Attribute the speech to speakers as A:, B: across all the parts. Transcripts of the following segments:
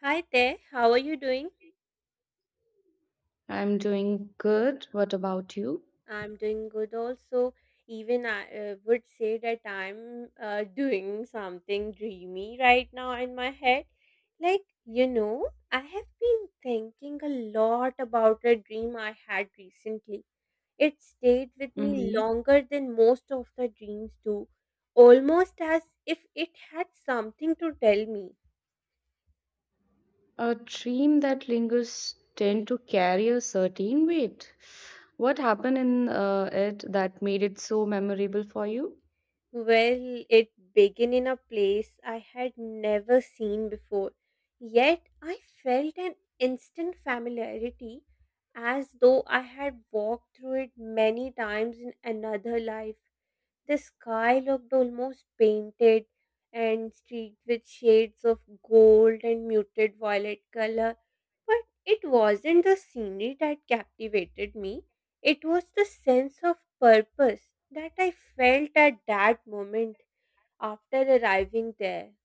A: Hi there, how are you doing?
B: I'm doing good. What about you?
A: I'm doing good also. Even I would say that I'm doing something dreamy right now in my head. Like, you know, I have been thinking a lot about a dream I had recently. It stayed with me
B: Hmm.
A: longer than most of the dreams do, almost as if it had something to tell me.
B: A dream that lingers tend to carry a certain weight. What happened in it that made it so memorable for you?
A: Well, it began in a place I had never seen before, yet I felt an instant familiarity as though I had walked through it many times in another life. The sky looked almost painted and streaked with shades of gold and muted violet color. But it wasn't the scenery that captivated me, it was the sense of purpose that I felt at that moment after arriving there.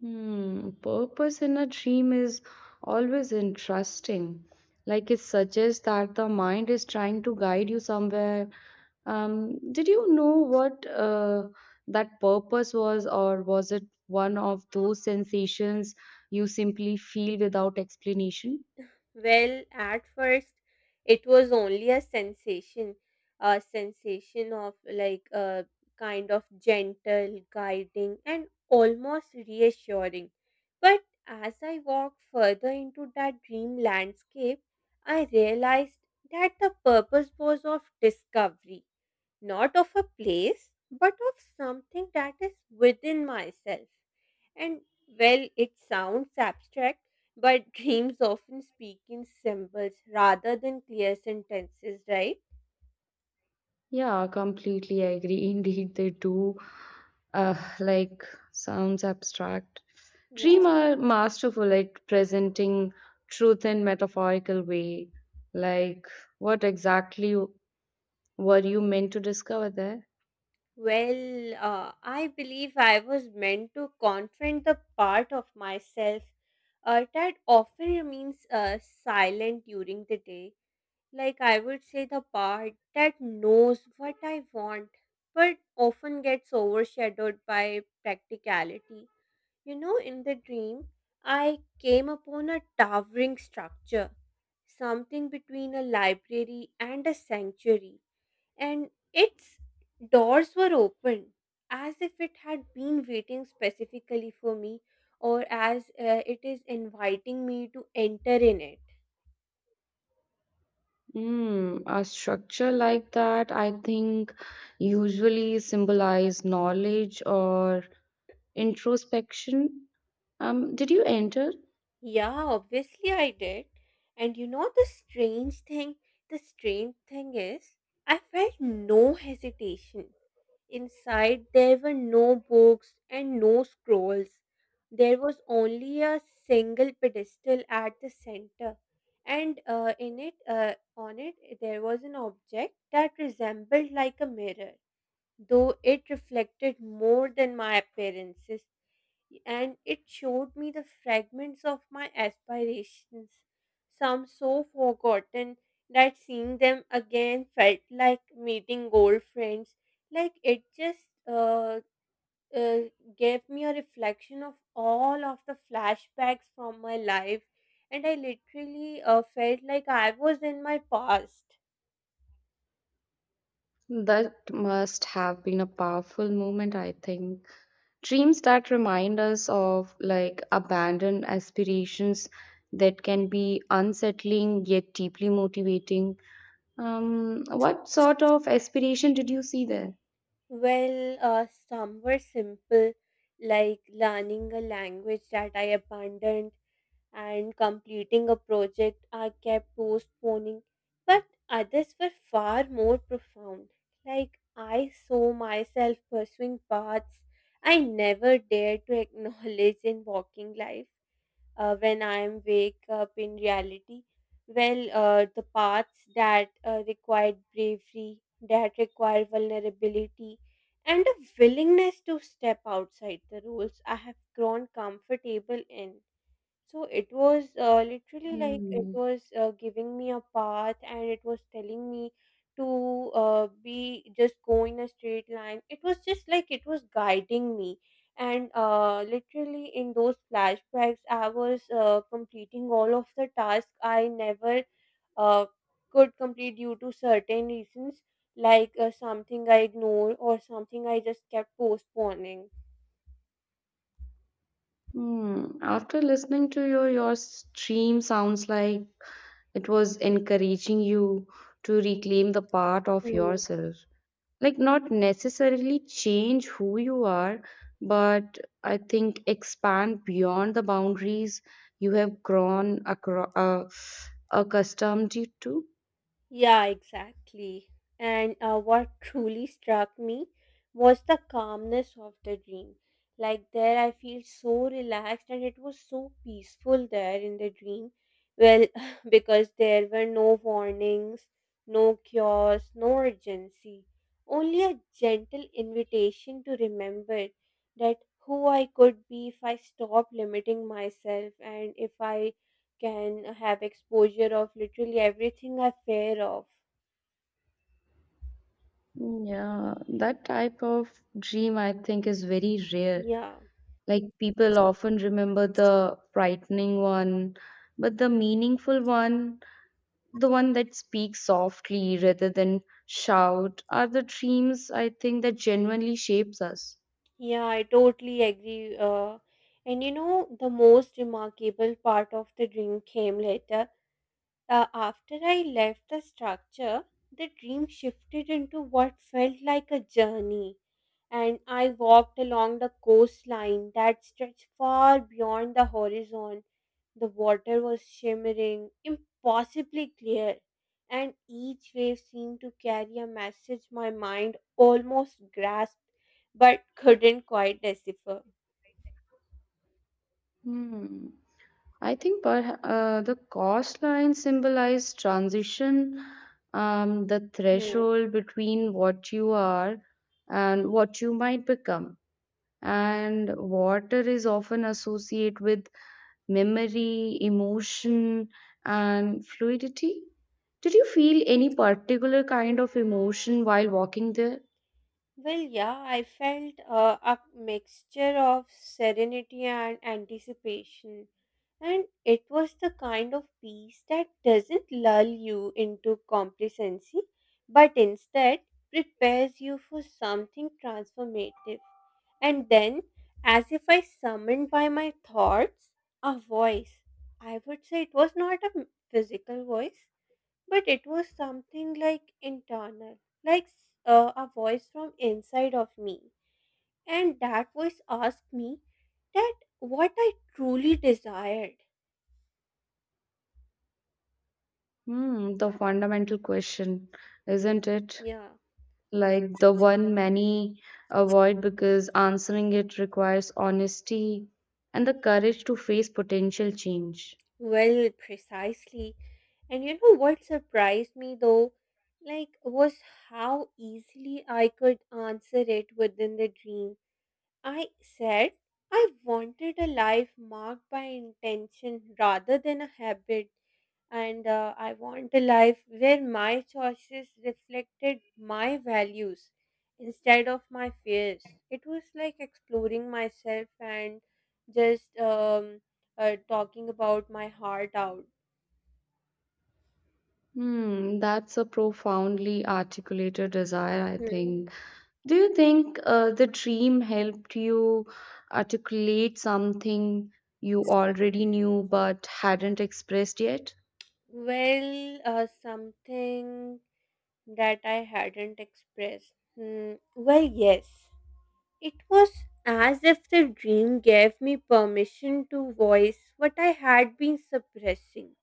B: Hmm, purpose in a dream is always interesting. Like it suggests that the mind is trying to guide you somewhere. Did you know what that purpose was, or was it one of those sensations you simply feel without explanation?
A: Well, at first, it was only a sensation of like a kind of gentle, guiding, and almost reassuring. But as I walked further into that dream landscape, I realized that the purpose was of discovery, not of a place, but of something that is within myself. And well, it sounds abstract, but dreams often speak in symbols rather than clear sentences, right?
B: Yeah, completely agree. Indeed, they do. Like sounds abstract.
A: Yeah.
B: Dream are masterful at presenting truth in metaphorical way. Like, what exactly were you meant to discover there?
A: Well, I believe I was meant to confront the part of myself that often remains silent during the day. Like I would say, the part that knows what I want but often gets overshadowed by practicality. You know, in the dream, I came upon a towering structure, something between a library and a sanctuary, and its doors were open as if it had been waiting specifically for me or as it is inviting me to enter in it.
B: Hmm, a structure like that, I think, usually symbolize knowledge or introspection. Did you enter?
A: Yeah, obviously I did. And you know, the strange thing is, I felt no hesitation. Inside, there were no books and no scrolls. There was only a single pedestal at the center, and on it, there was an object that resembled like a mirror, though it reflected more than my appearances and it showed me the fragments of my aspirations, some so forgotten that seeing them again felt like meeting old friends. Like it just uh, gave me a reflection of all of the flashbacks from my life, and I literally felt like I was in my past.
B: That must have been a powerful moment, I think. Dreams that remind us of like abandoned aspirations that can be unsettling yet deeply motivating. What sort of aspiration did you see there?
A: Well, some were simple, like learning a language that I abandoned and completing a project I kept postponing, but others were far more profound. Like I saw myself pursuing paths I never dared to acknowledge in walking life when I am wake up in reality. Well, the paths that required bravery, that require vulnerability, and a willingness to step outside the rules I have grown comfortable in. So it was literally like it
B: Hmm.
A: was giving me a path and it was telling me to be just go in a straight line. It was just like it was guiding me. And literally in those flashbacks, I was completing all of the tasks I never uh, could complete due to certain reasons, like something I ignored or something I just kept postponing.
B: Hmm. After listening to your stream sounds like it was encouraging you to reclaim the part of yourself, like not necessarily change who you are, but I think expand beyond the boundaries you have grown accustomed you to.
A: Yeah, exactly. And what truly struck me was the calmness of the dream. Like there, I feel so relaxed, and it was so peaceful there in the dream. Well, because there were no warnings, no cures, no urgency, only a gentle invitation to remember that who I could be if I stopped limiting myself and if I can have exposure of literally everything I fear of.
B: Yeah, that type of dream I think is very rare.
A: Yeah,
B: Like people often remember the frightening one, but the meaningful one, the one that speaks softly rather than shout are the dreams I think that genuinely shapes us.
A: yeah, I totally agree. And you know, the most remarkable part of the dream came later. After I left the structure, the dream shifted into what felt like a journey, and I walked along the coastline that stretched far beyond the horizon. The water was shimmering, impossibly clear, and each wave seemed to carry a message my mind almost grasped but couldn't quite decipher.
B: Hmm. I think perha the coastline symbolize transition, the threshold between what you are and what you might become. And water is often associated with memory, emotion, and fluidity. Did you feel any particular kind of emotion while walking there?
A: Well, yeah, I felt a mixture of serenity and anticipation. And it was the kind of peace that doesn't lull you into complacency, but instead prepares you for something transformative. And then, as if I summoned by my thoughts, a voice. I would say it was not a physical voice, but it was something like internal, like a voice from inside of me. And that voice asked me that what I truly desired.
B: Hmm, the fundamental question, isn't it?
A: Yeah,
B: Like the one many avoid because answering it requires honesty and the courage to face potential change.
A: well, precisely. And you know what surprised me though? Like, was how easily I could answer it within the dream I said I wanted a life marked by intention rather than a habit, and I want a life where my choices reflected my values instead of my fears. It was like exploring myself and just talking about my heart out.
B: Hmm, that's a profoundly articulated desire, I
A: Hmm.
B: think. Do you think the dream helped you articulate something you already knew but hadn't expressed yet?
A: Well, something that I hadn't expressed. Hmm. Well, yes. It was as if the dream gave me permission to voice what I had been suppressing.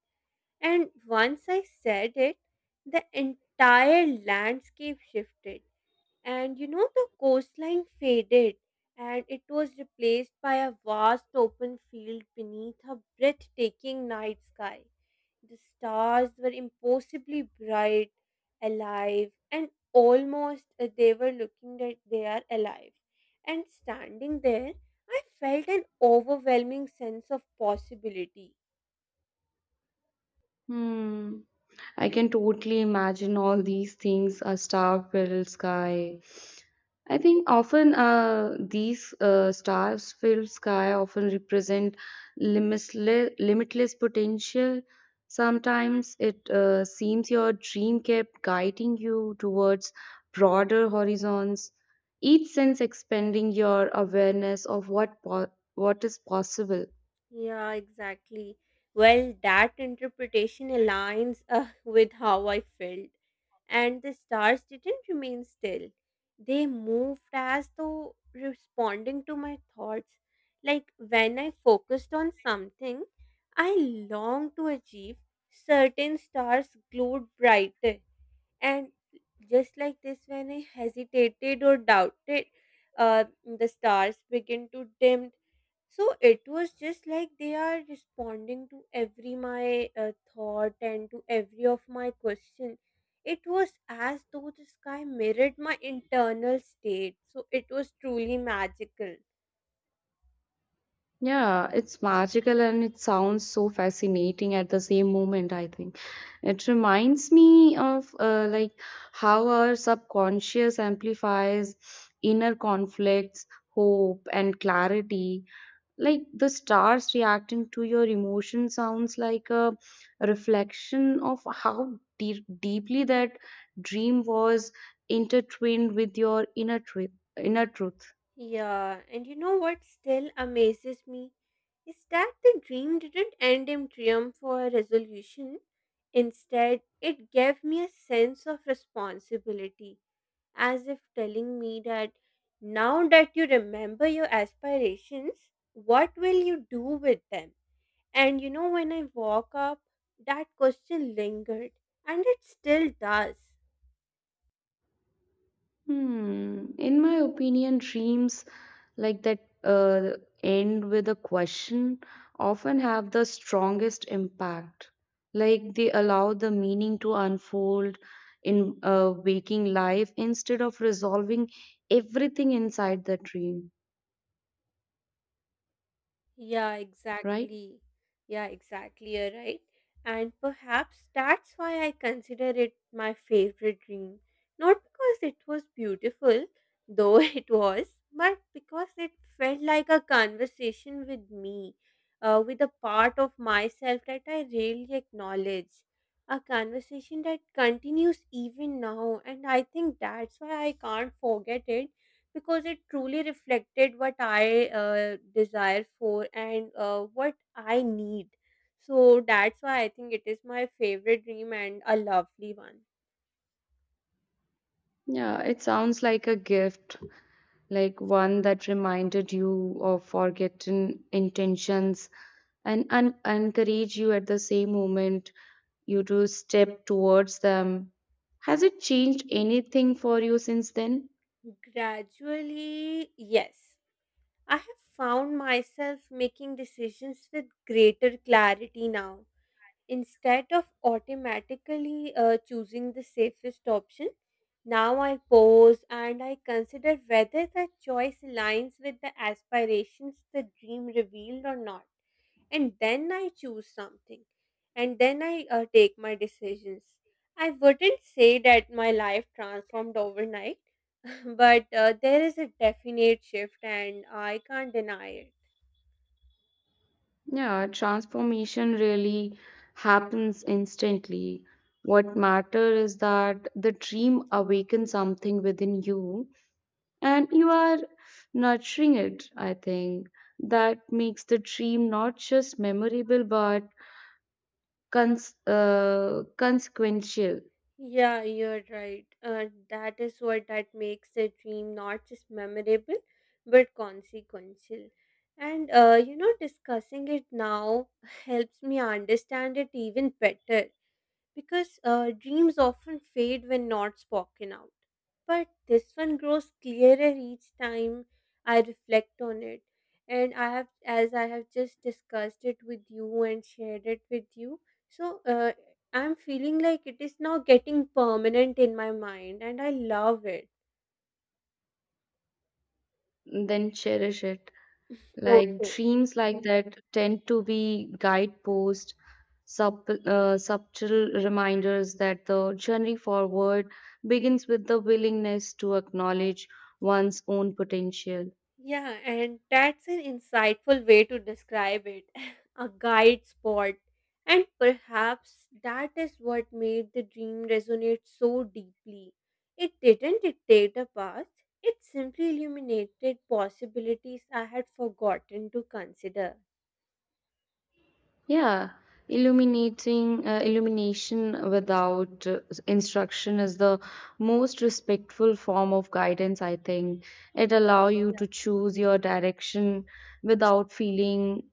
A: And once I said it, the entire landscape shifted. And you know, the coastline faded and it was replaced by a vast open field beneath a breathtaking night sky. The stars were impossibly bright, alive, and almost they were looking that they are alive. And standing there, I felt an overwhelming sense of possibility.
B: Hmm, I can totally imagine all these things, a star-filled sky. I think often these stars filled sky often represent limitless, limitless potential. Sometimes it seems your dream kept guiding you towards broader horizons, each sense expanding your awareness of what is possible.
A: Yeah, exactly. Well, that interpretation aligns with how I felt. And the stars didn't remain still. They moved as though responding to my thoughts. Like when I focused on something I longed to achieve, certain stars glowed brighter. And just like this, when I hesitated or doubted, the stars began to dim so it was just like they are responding to every my thought and to every of my question. It was as though the sky mirrored my internal state. So it was truly magical.
B: Yeah, it's magical and it sounds so fascinating at the same moment, I think. It reminds me of like how our subconscious amplifies inner conflicts, hope, and clarity. Like the stars reacting to your emotion sounds like a reflection of how deeply that dream was intertwined with your inner truth. Inner truth.
A: Yeah, and you know what still amazes me is that the dream didn't end in triumph or resolution. Instead, it gave me a sense of responsibility. As if telling me that now that you remember your aspirations, what will you do with them? And you know, when I walk up, that question lingered, and it still does.
B: Hmm. In my opinion, dreams like that end with a question often have the strongest impact. Like they allow the meaning to unfold in waking life instead of resolving everything inside the dream,
A: Yeah,
B: right?
A: exactly. Yeah, exactly. You're right. And perhaps that's why I consider it my favorite dream. Not because it was beautiful, though it was, but because it felt like a conversation with me, with a part of myself that I really acknowledge. A conversation that continues even now, and I think that's why I can't forget it because it truly reflected what I desire for and what I need. So that's why I think it is my favorite dream and a lovely one.
B: Yeah, it sounds like a gift, like one that reminded you of forgotten intentions and encourage you at the same moment you to step towards them. Has it changed anything for you since then?
A: Gradually, yes, I have found myself making decisions with greater clarity now. Instead of automatically choosing the safest option, now I pause and I consider whether the choice aligns with the aspirations the dream revealed or not. And then I choose something. And then I take my decisions. I wouldn't say that my life transformed overnight, but there is a definite shift and I can't deny it.
B: Yeah, transformation really happens instantly. What matters is that the dream awakens something within you and you are nurturing it, I think. That makes the dream not just memorable but consequential.
A: Yeah, you're right. That is what that makes a dream not just memorable, but consequential. And you know, discussing it now helps me understand it even better because dreams often fade when not spoken out. But this one grows clearer each time I reflect on it. And I have, as I have just discussed it with you and shared it with you, so I'm feeling like it is now getting permanent in my mind and I love it.
B: Then cherish it. Like
A: Okay.
B: dreams like that tend to be guideposts, subtle reminders that the journey forward begins with the willingness to acknowledge one's own potential.
A: Yeah, and that's an insightful way to describe it, a guide spot. And perhaps that is what made the dream resonate so deeply. It didn't dictate a path, it simply illuminated possibilities I had forgotten to consider.
B: Yeah, illuminating illumination without instruction is the most respectful form of guidance, I think. It allow you to choose your direction without feeling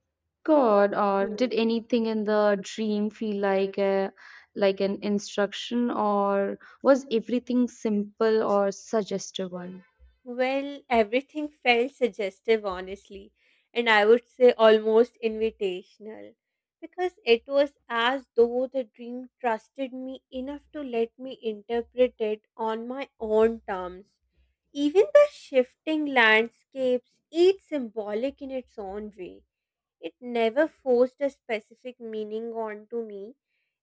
B: God. Or
A: Yeah.
B: did anything in the dream feel like a like an instruction, or was everything simple or suggestive one?
A: Well, everything felt suggestive, honestly, and I would say almost invitational because it was as though the dream trusted me enough to let me interpret it on my own terms. Even the shifting landscapes, each symbolic in its own way. It never forced a specific meaning onto me.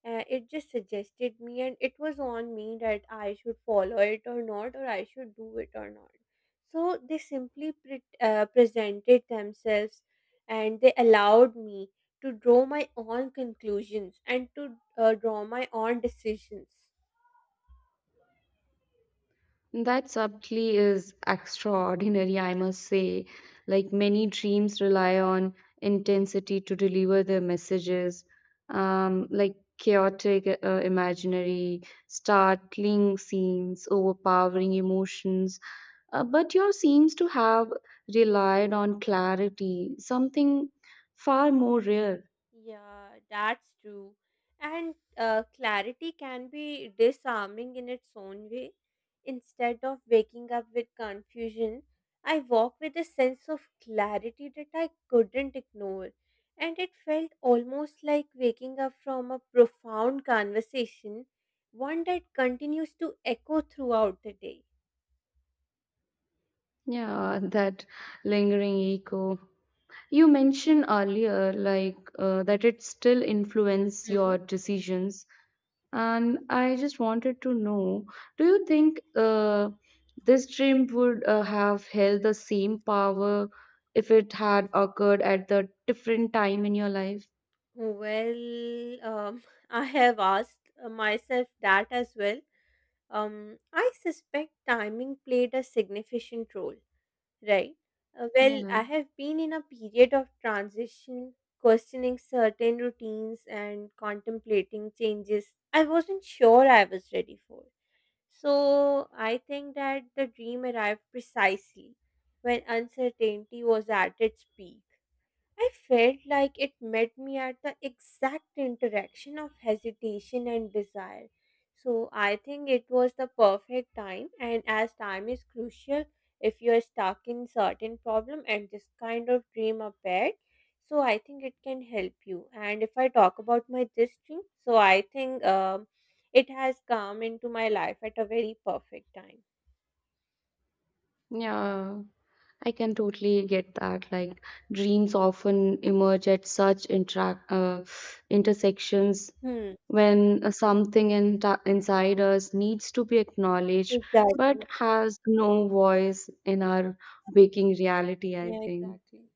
A: It just suggested me, and it was on me that I should follow it or not, or I should do it or not. So they simply presented themselves and they allowed me to draw my own conclusions and to draw my own decisions.
B: That subtly is extraordinary, I must say. Like many dreams rely on intensity to deliver their messages, like chaotic, imaginary, startling scenes, overpowering emotions. But yours seems to have relied on clarity, something far more rare.
A: Yeah, that's true. And clarity can be disarming in its own way. Instead of waking up with confusion, I woke with a sense of clarity that I couldn't ignore. And it felt almost like waking up from a profound conversation, one that continues to echo throughout the day.
B: Yeah, that lingering echo. You mentioned earlier, that it still influence
A: Mhm.
B: your decisions, and I just wanted to know, do you think this dream would have held the same power if it had occurred at the different time in your life?
A: Well, I have asked myself that as well. I suspect timing played a significant role, right?
B: Yeah,
A: I have been in a period of transition, questioning certain routines and contemplating changes I wasn't sure I was ready for. So I think that the dream arrived precisely when uncertainty was at its peak. I felt like it met me at the exact interaction of hesitation and desire. So I think it was the perfect time, and as time is crucial if you are stuck in certain problem and this kind of dream appeared, so I think it can help you. And if I talk about my this dream, so I think it has come into my life at a very perfect time.
B: yeah. I can totally get that. Like dreams often emerge at such interact intersections
A: Hmm.
B: when something in inside us needs to be acknowledged but
A: Exactly.
B: has no voice in our waking reality, I
A: Yeah.
B: think.
A: Exactly.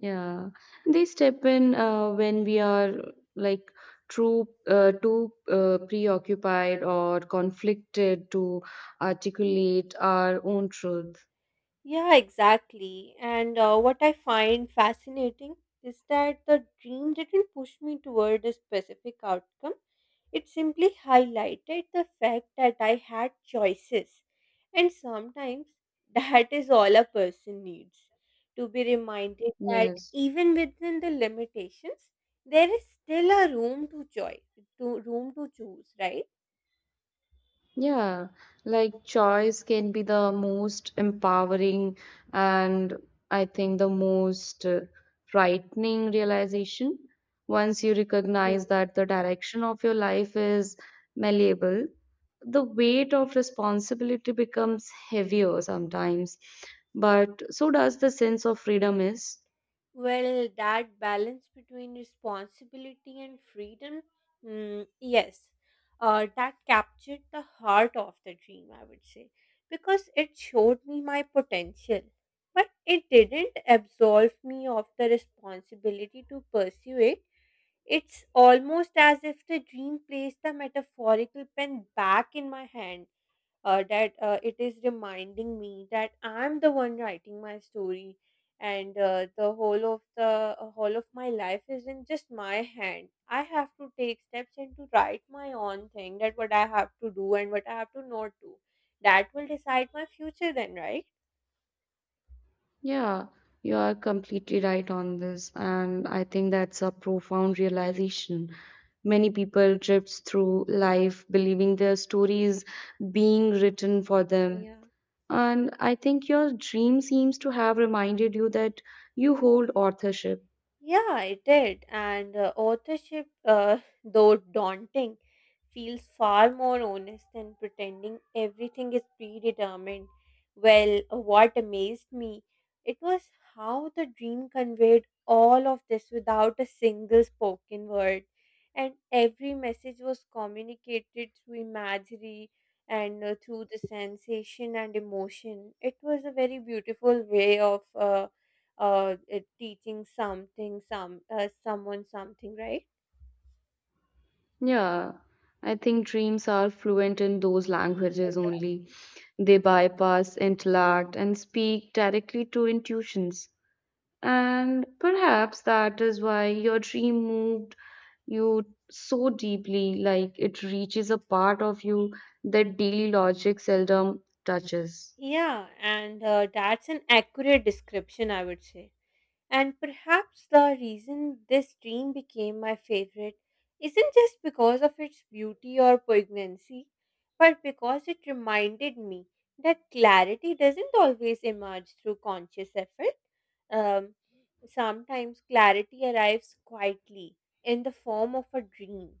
B: Yeah, they step in when we are like too preoccupied or conflicted to articulate our own truth.
A: Yeah, exactly. And what I find fascinating is that the dream didn't push me toward a specific outcome. It simply highlighted the fact that I had choices. And sometimes that is all a person needs to be reminded that
B: Yes.
A: even within the limitations, there is still a room to choice, to room to choose, right?
B: Yeah, like choice can be the most empowering and I think the most frightening realization. Once you recognize that the direction of your life is malleable, the weight of responsibility becomes heavier sometimes, but so does the sense of freedom is.
A: Well, that balance between responsibility and freedom, mm, yes, that captured the heart of the dream, I would say, because it showed me my potential. But it didn't absolve me of the responsibility to pursue it. It's almost as if the dream placed the metaphorical pen back in my hand that it is reminding me that I'm the one writing my story, and the whole of my life is in just my hand. I have to take steps and to write my own thing. That what I have to do and what I have to not do. That will decide my future. Then, right?
B: Yeah, you are completely right on this, and I think that's a profound realization. Many people drift through life believing their story is being written for them.
A: Yeah.
B: And I think your dream seems to have reminded you that you hold authorship.
A: Yeah, it did. And authorship, though daunting, feels far more honest than pretending everything is predetermined. Well, what amazed me, it was how the dream conveyed all of this without a single spoken word. And every message was communicated through imagery and through the sensation and emotion. It was a very beautiful way of teaching something, someone something, right?
B: Yeah, I think dreams are fluent in those languages only.
A: Exactly.
B: They bypass intellect and speak directly to intuitions. And perhaps that is why your dream moved you so deeply, like it reaches a part of you that daily logic seldom touches.
A: Yeah, and that's an accurate description, I would say. And perhaps the reason this dream became my favorite isn't just because of its beauty or poignancy, but because it reminded me that clarity doesn't always emerge through conscious effort. Um, Sometimes clarity arrives quietly in the form of a dream.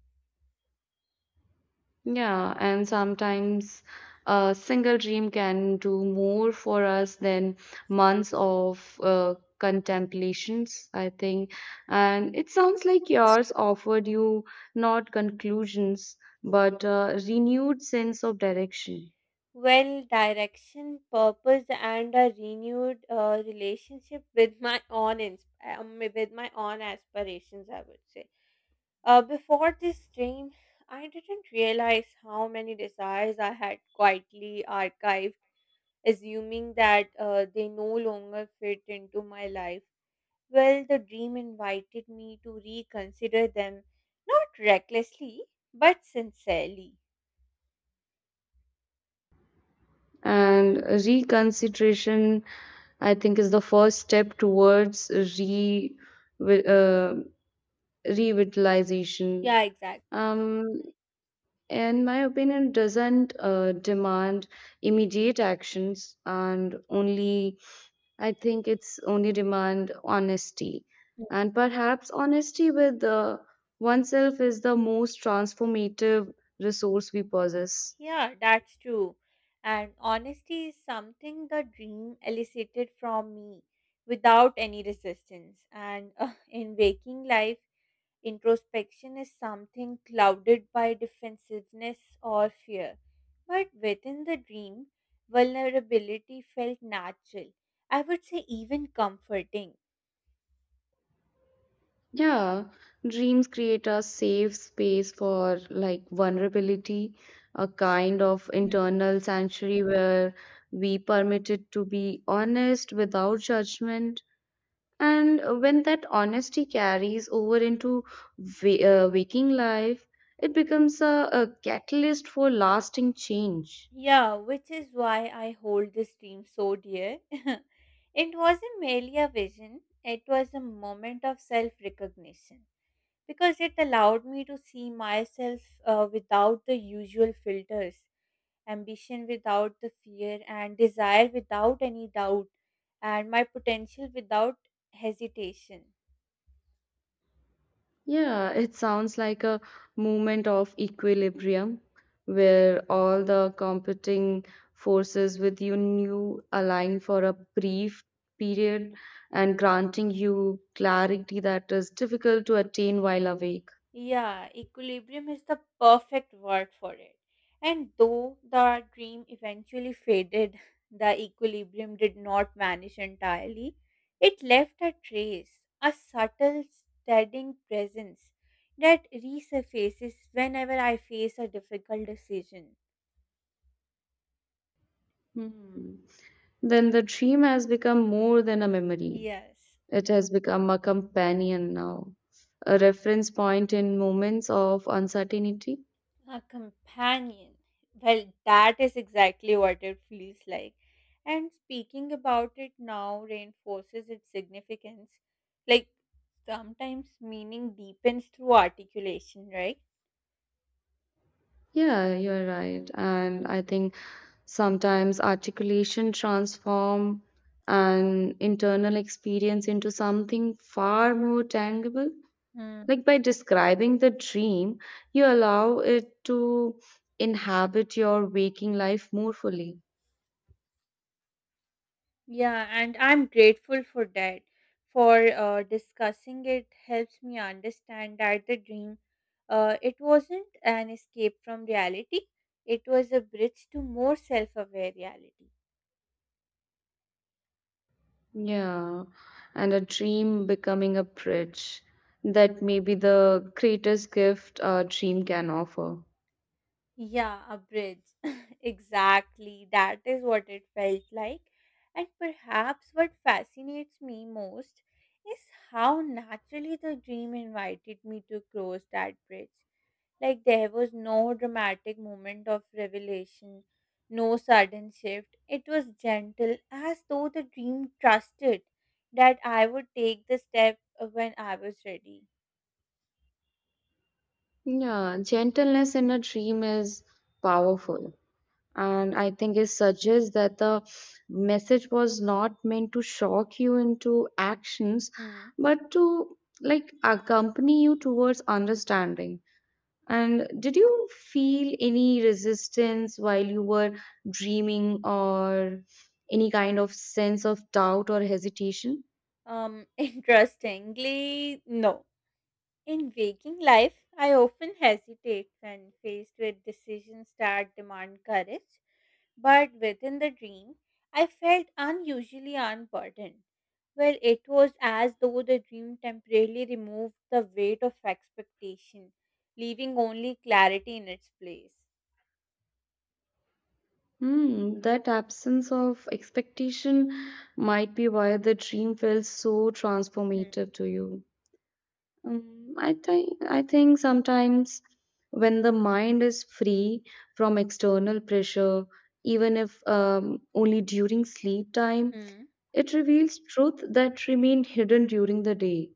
B: Yeah, and sometimes a single dream can do more for us than months of contemplations, I think. And it sounds like yours offered you not conclusions, but a renewed sense of direction.
A: Well, direction, purpose, and a renewed relationship with my own with my own aspirations, I would say. Before this dream, I didn't realize how many desires I had quietly archived, assuming that they no longer fit into my life. Well, the dream invited me to reconsider them, not recklessly, but sincerely.
B: And reconsideration, I think, is the first step towards wi- uh, revitalization.
A: Yeah, exactly.
B: Um, in my opinion, doesn't demand immediate actions, and only I think it's only demand honesty, and perhaps honesty with oneself is the most transformative resource we possess.
A: Yeah, that's true. And honesty is something the dream elicited from me without any resistance. And in waking life, introspection is something clouded by defensiveness or fear. But within the dream, vulnerability felt natural. I would say even comforting.
B: Yeah, dreams create a safe space for like vulnerability, a kind of internal sanctuary where we permitted to be honest without judgment. And when that honesty carries over into waking life, it becomes a catalyst for lasting change.
A: Yeah, which is why I hold this dream so dear. It wasn't merely a vision, it was a moment of self recognition because it allowed me to see myself without the usual filters, ambition without the fear, and desire without any doubt, and my potential without hesitation.
B: Yeah, it sounds like a movement of equilibrium where all the competing forces within you new align for a brief period and granting you clarity that is difficult to attain while awake.
A: Yeah, equilibrium is the perfect word for it. And though the dream eventually faded, the equilibrium did not vanish entirely. It left a trace, a subtle, steadying presence that resurfaces whenever I face a difficult decision.
B: Hmm. Then the dream has become more than a memory.
A: Yes.
B: It has become a companion now, a reference point in moments of uncertainty.
A: A companion. Well, that is exactly what it feels like. And speaking about it now reinforces its significance. Like sometimes meaning deepens through articulation, right?
B: Yeah, you're right. And I think sometimes articulation transform an internal experience into something far more tangible.
A: Mm.
B: Like by describing the dream, you allow it to inhabit your waking life more fully.
A: Yeah, and I'm grateful for that. For discussing it helps me understand that the dream, it wasn't an escape from reality. It was a bridge to more self-aware reality.
B: Yeah, and a dream becoming a bridge. That may be the greatest gift a dream can offer.
A: Yeah, a bridge. Exactly. That is what it felt like. And perhaps what fascinates me most is how naturally the dream invited me to cross that bridge. Like there was no dramatic moment of revelation, no sudden shift. It was gentle, as though the dream trusted that I would take the step when I was ready.
B: Yeah, gentleness in a dream is powerful. And I think it suggests that the message was not meant to shock you into actions,
A: Hmm.
B: but to like accompany you towards understanding. And did you feel any resistance while you were dreaming or any kind of sense of doubt or hesitation?
A: Interestingly, no. In waking life, I often hesitate when faced with decisions that demand courage, but within the dream, I felt unusually unburdened. Well, it was as though the dream temporarily removed the weight of expectation, leaving only clarity in its place.
B: Hmm, that absence of expectation might be why the dream felt so transformative to you. I think sometimes when the mind is free from external pressure, even if only during sleep time,
A: Hmm.
B: it reveals truth that remained hidden during the day.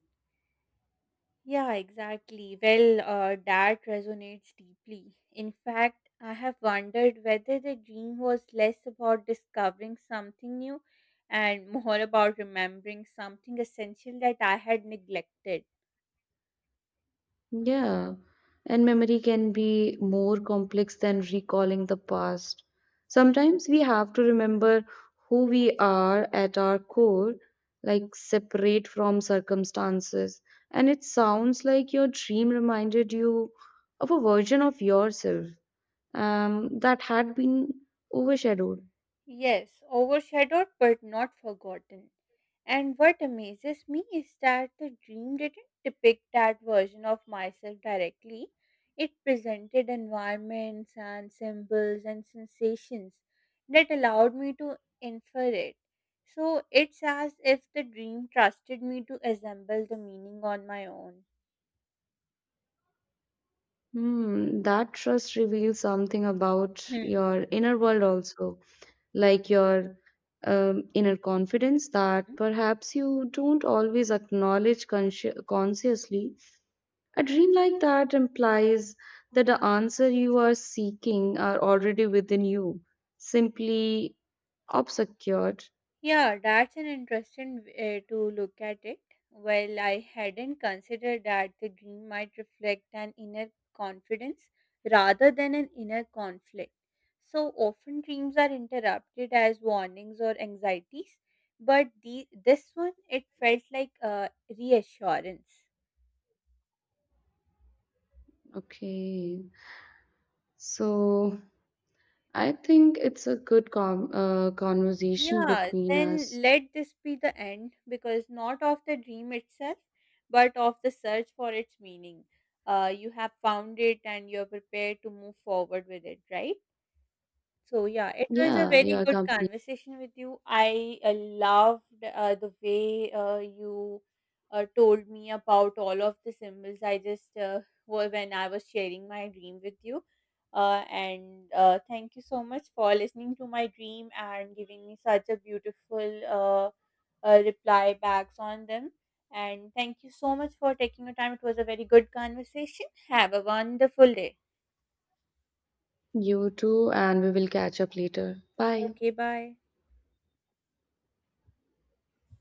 A: Yeah, exactly. Well, that resonates deeply. In fact, I have wondered whether the dream was less about discovering something new and more about remembering something essential that I had neglected.
B: Yeah, and memory can be more complex than recalling the past. Sometimes we have to remember who we are at our core, like separate from circumstances. And it sounds like your dream reminded you of a version of yourself that had been overshadowed.
A: Yes, overshadowed but not forgotten. And what amazes me is that the dream didn't depict that version of myself directly. It presented environments and symbols and sensations that allowed me to infer it. So it's as if the dream trusted me to assemble the meaning on my own.
B: Hmm, that trust reveals something about
A: Hmm.
B: your inner world also, like your inner confidence that perhaps you don't always acknowledge consci- consciously. A dream like that implies that the answer you are seeking are already within you, simply obscured.
A: Yeah, that's an interesting way to look at it. Well, I hadn't considered that the dream might reflect an inner confidence rather than an inner conflict. So often dreams are interrupted as warnings or anxieties, but this one it felt like a reassurance.
B: Okay, so I think it's a good conversation
A: Yeah,
B: between
A: then
B: us.
A: let this be the end because not of the dream itself, but of the search for its meaning. You have found it and you are prepared to move forward with it, right? So yeah, it was a
B: Yeah, you
A: very
B: are
A: good
B: company.
A: conversation with you. I loved the way you told me about all of the symbols. I just were when I was sharing my dream with you, and thank you so much for listening to my dream and giving me such a beautiful reply backs on them. And thank you so much for taking your time. It was a very good conversation. Have a wonderful day.
B: You too, and we will catch up later. Bye.
A: Okay, bye.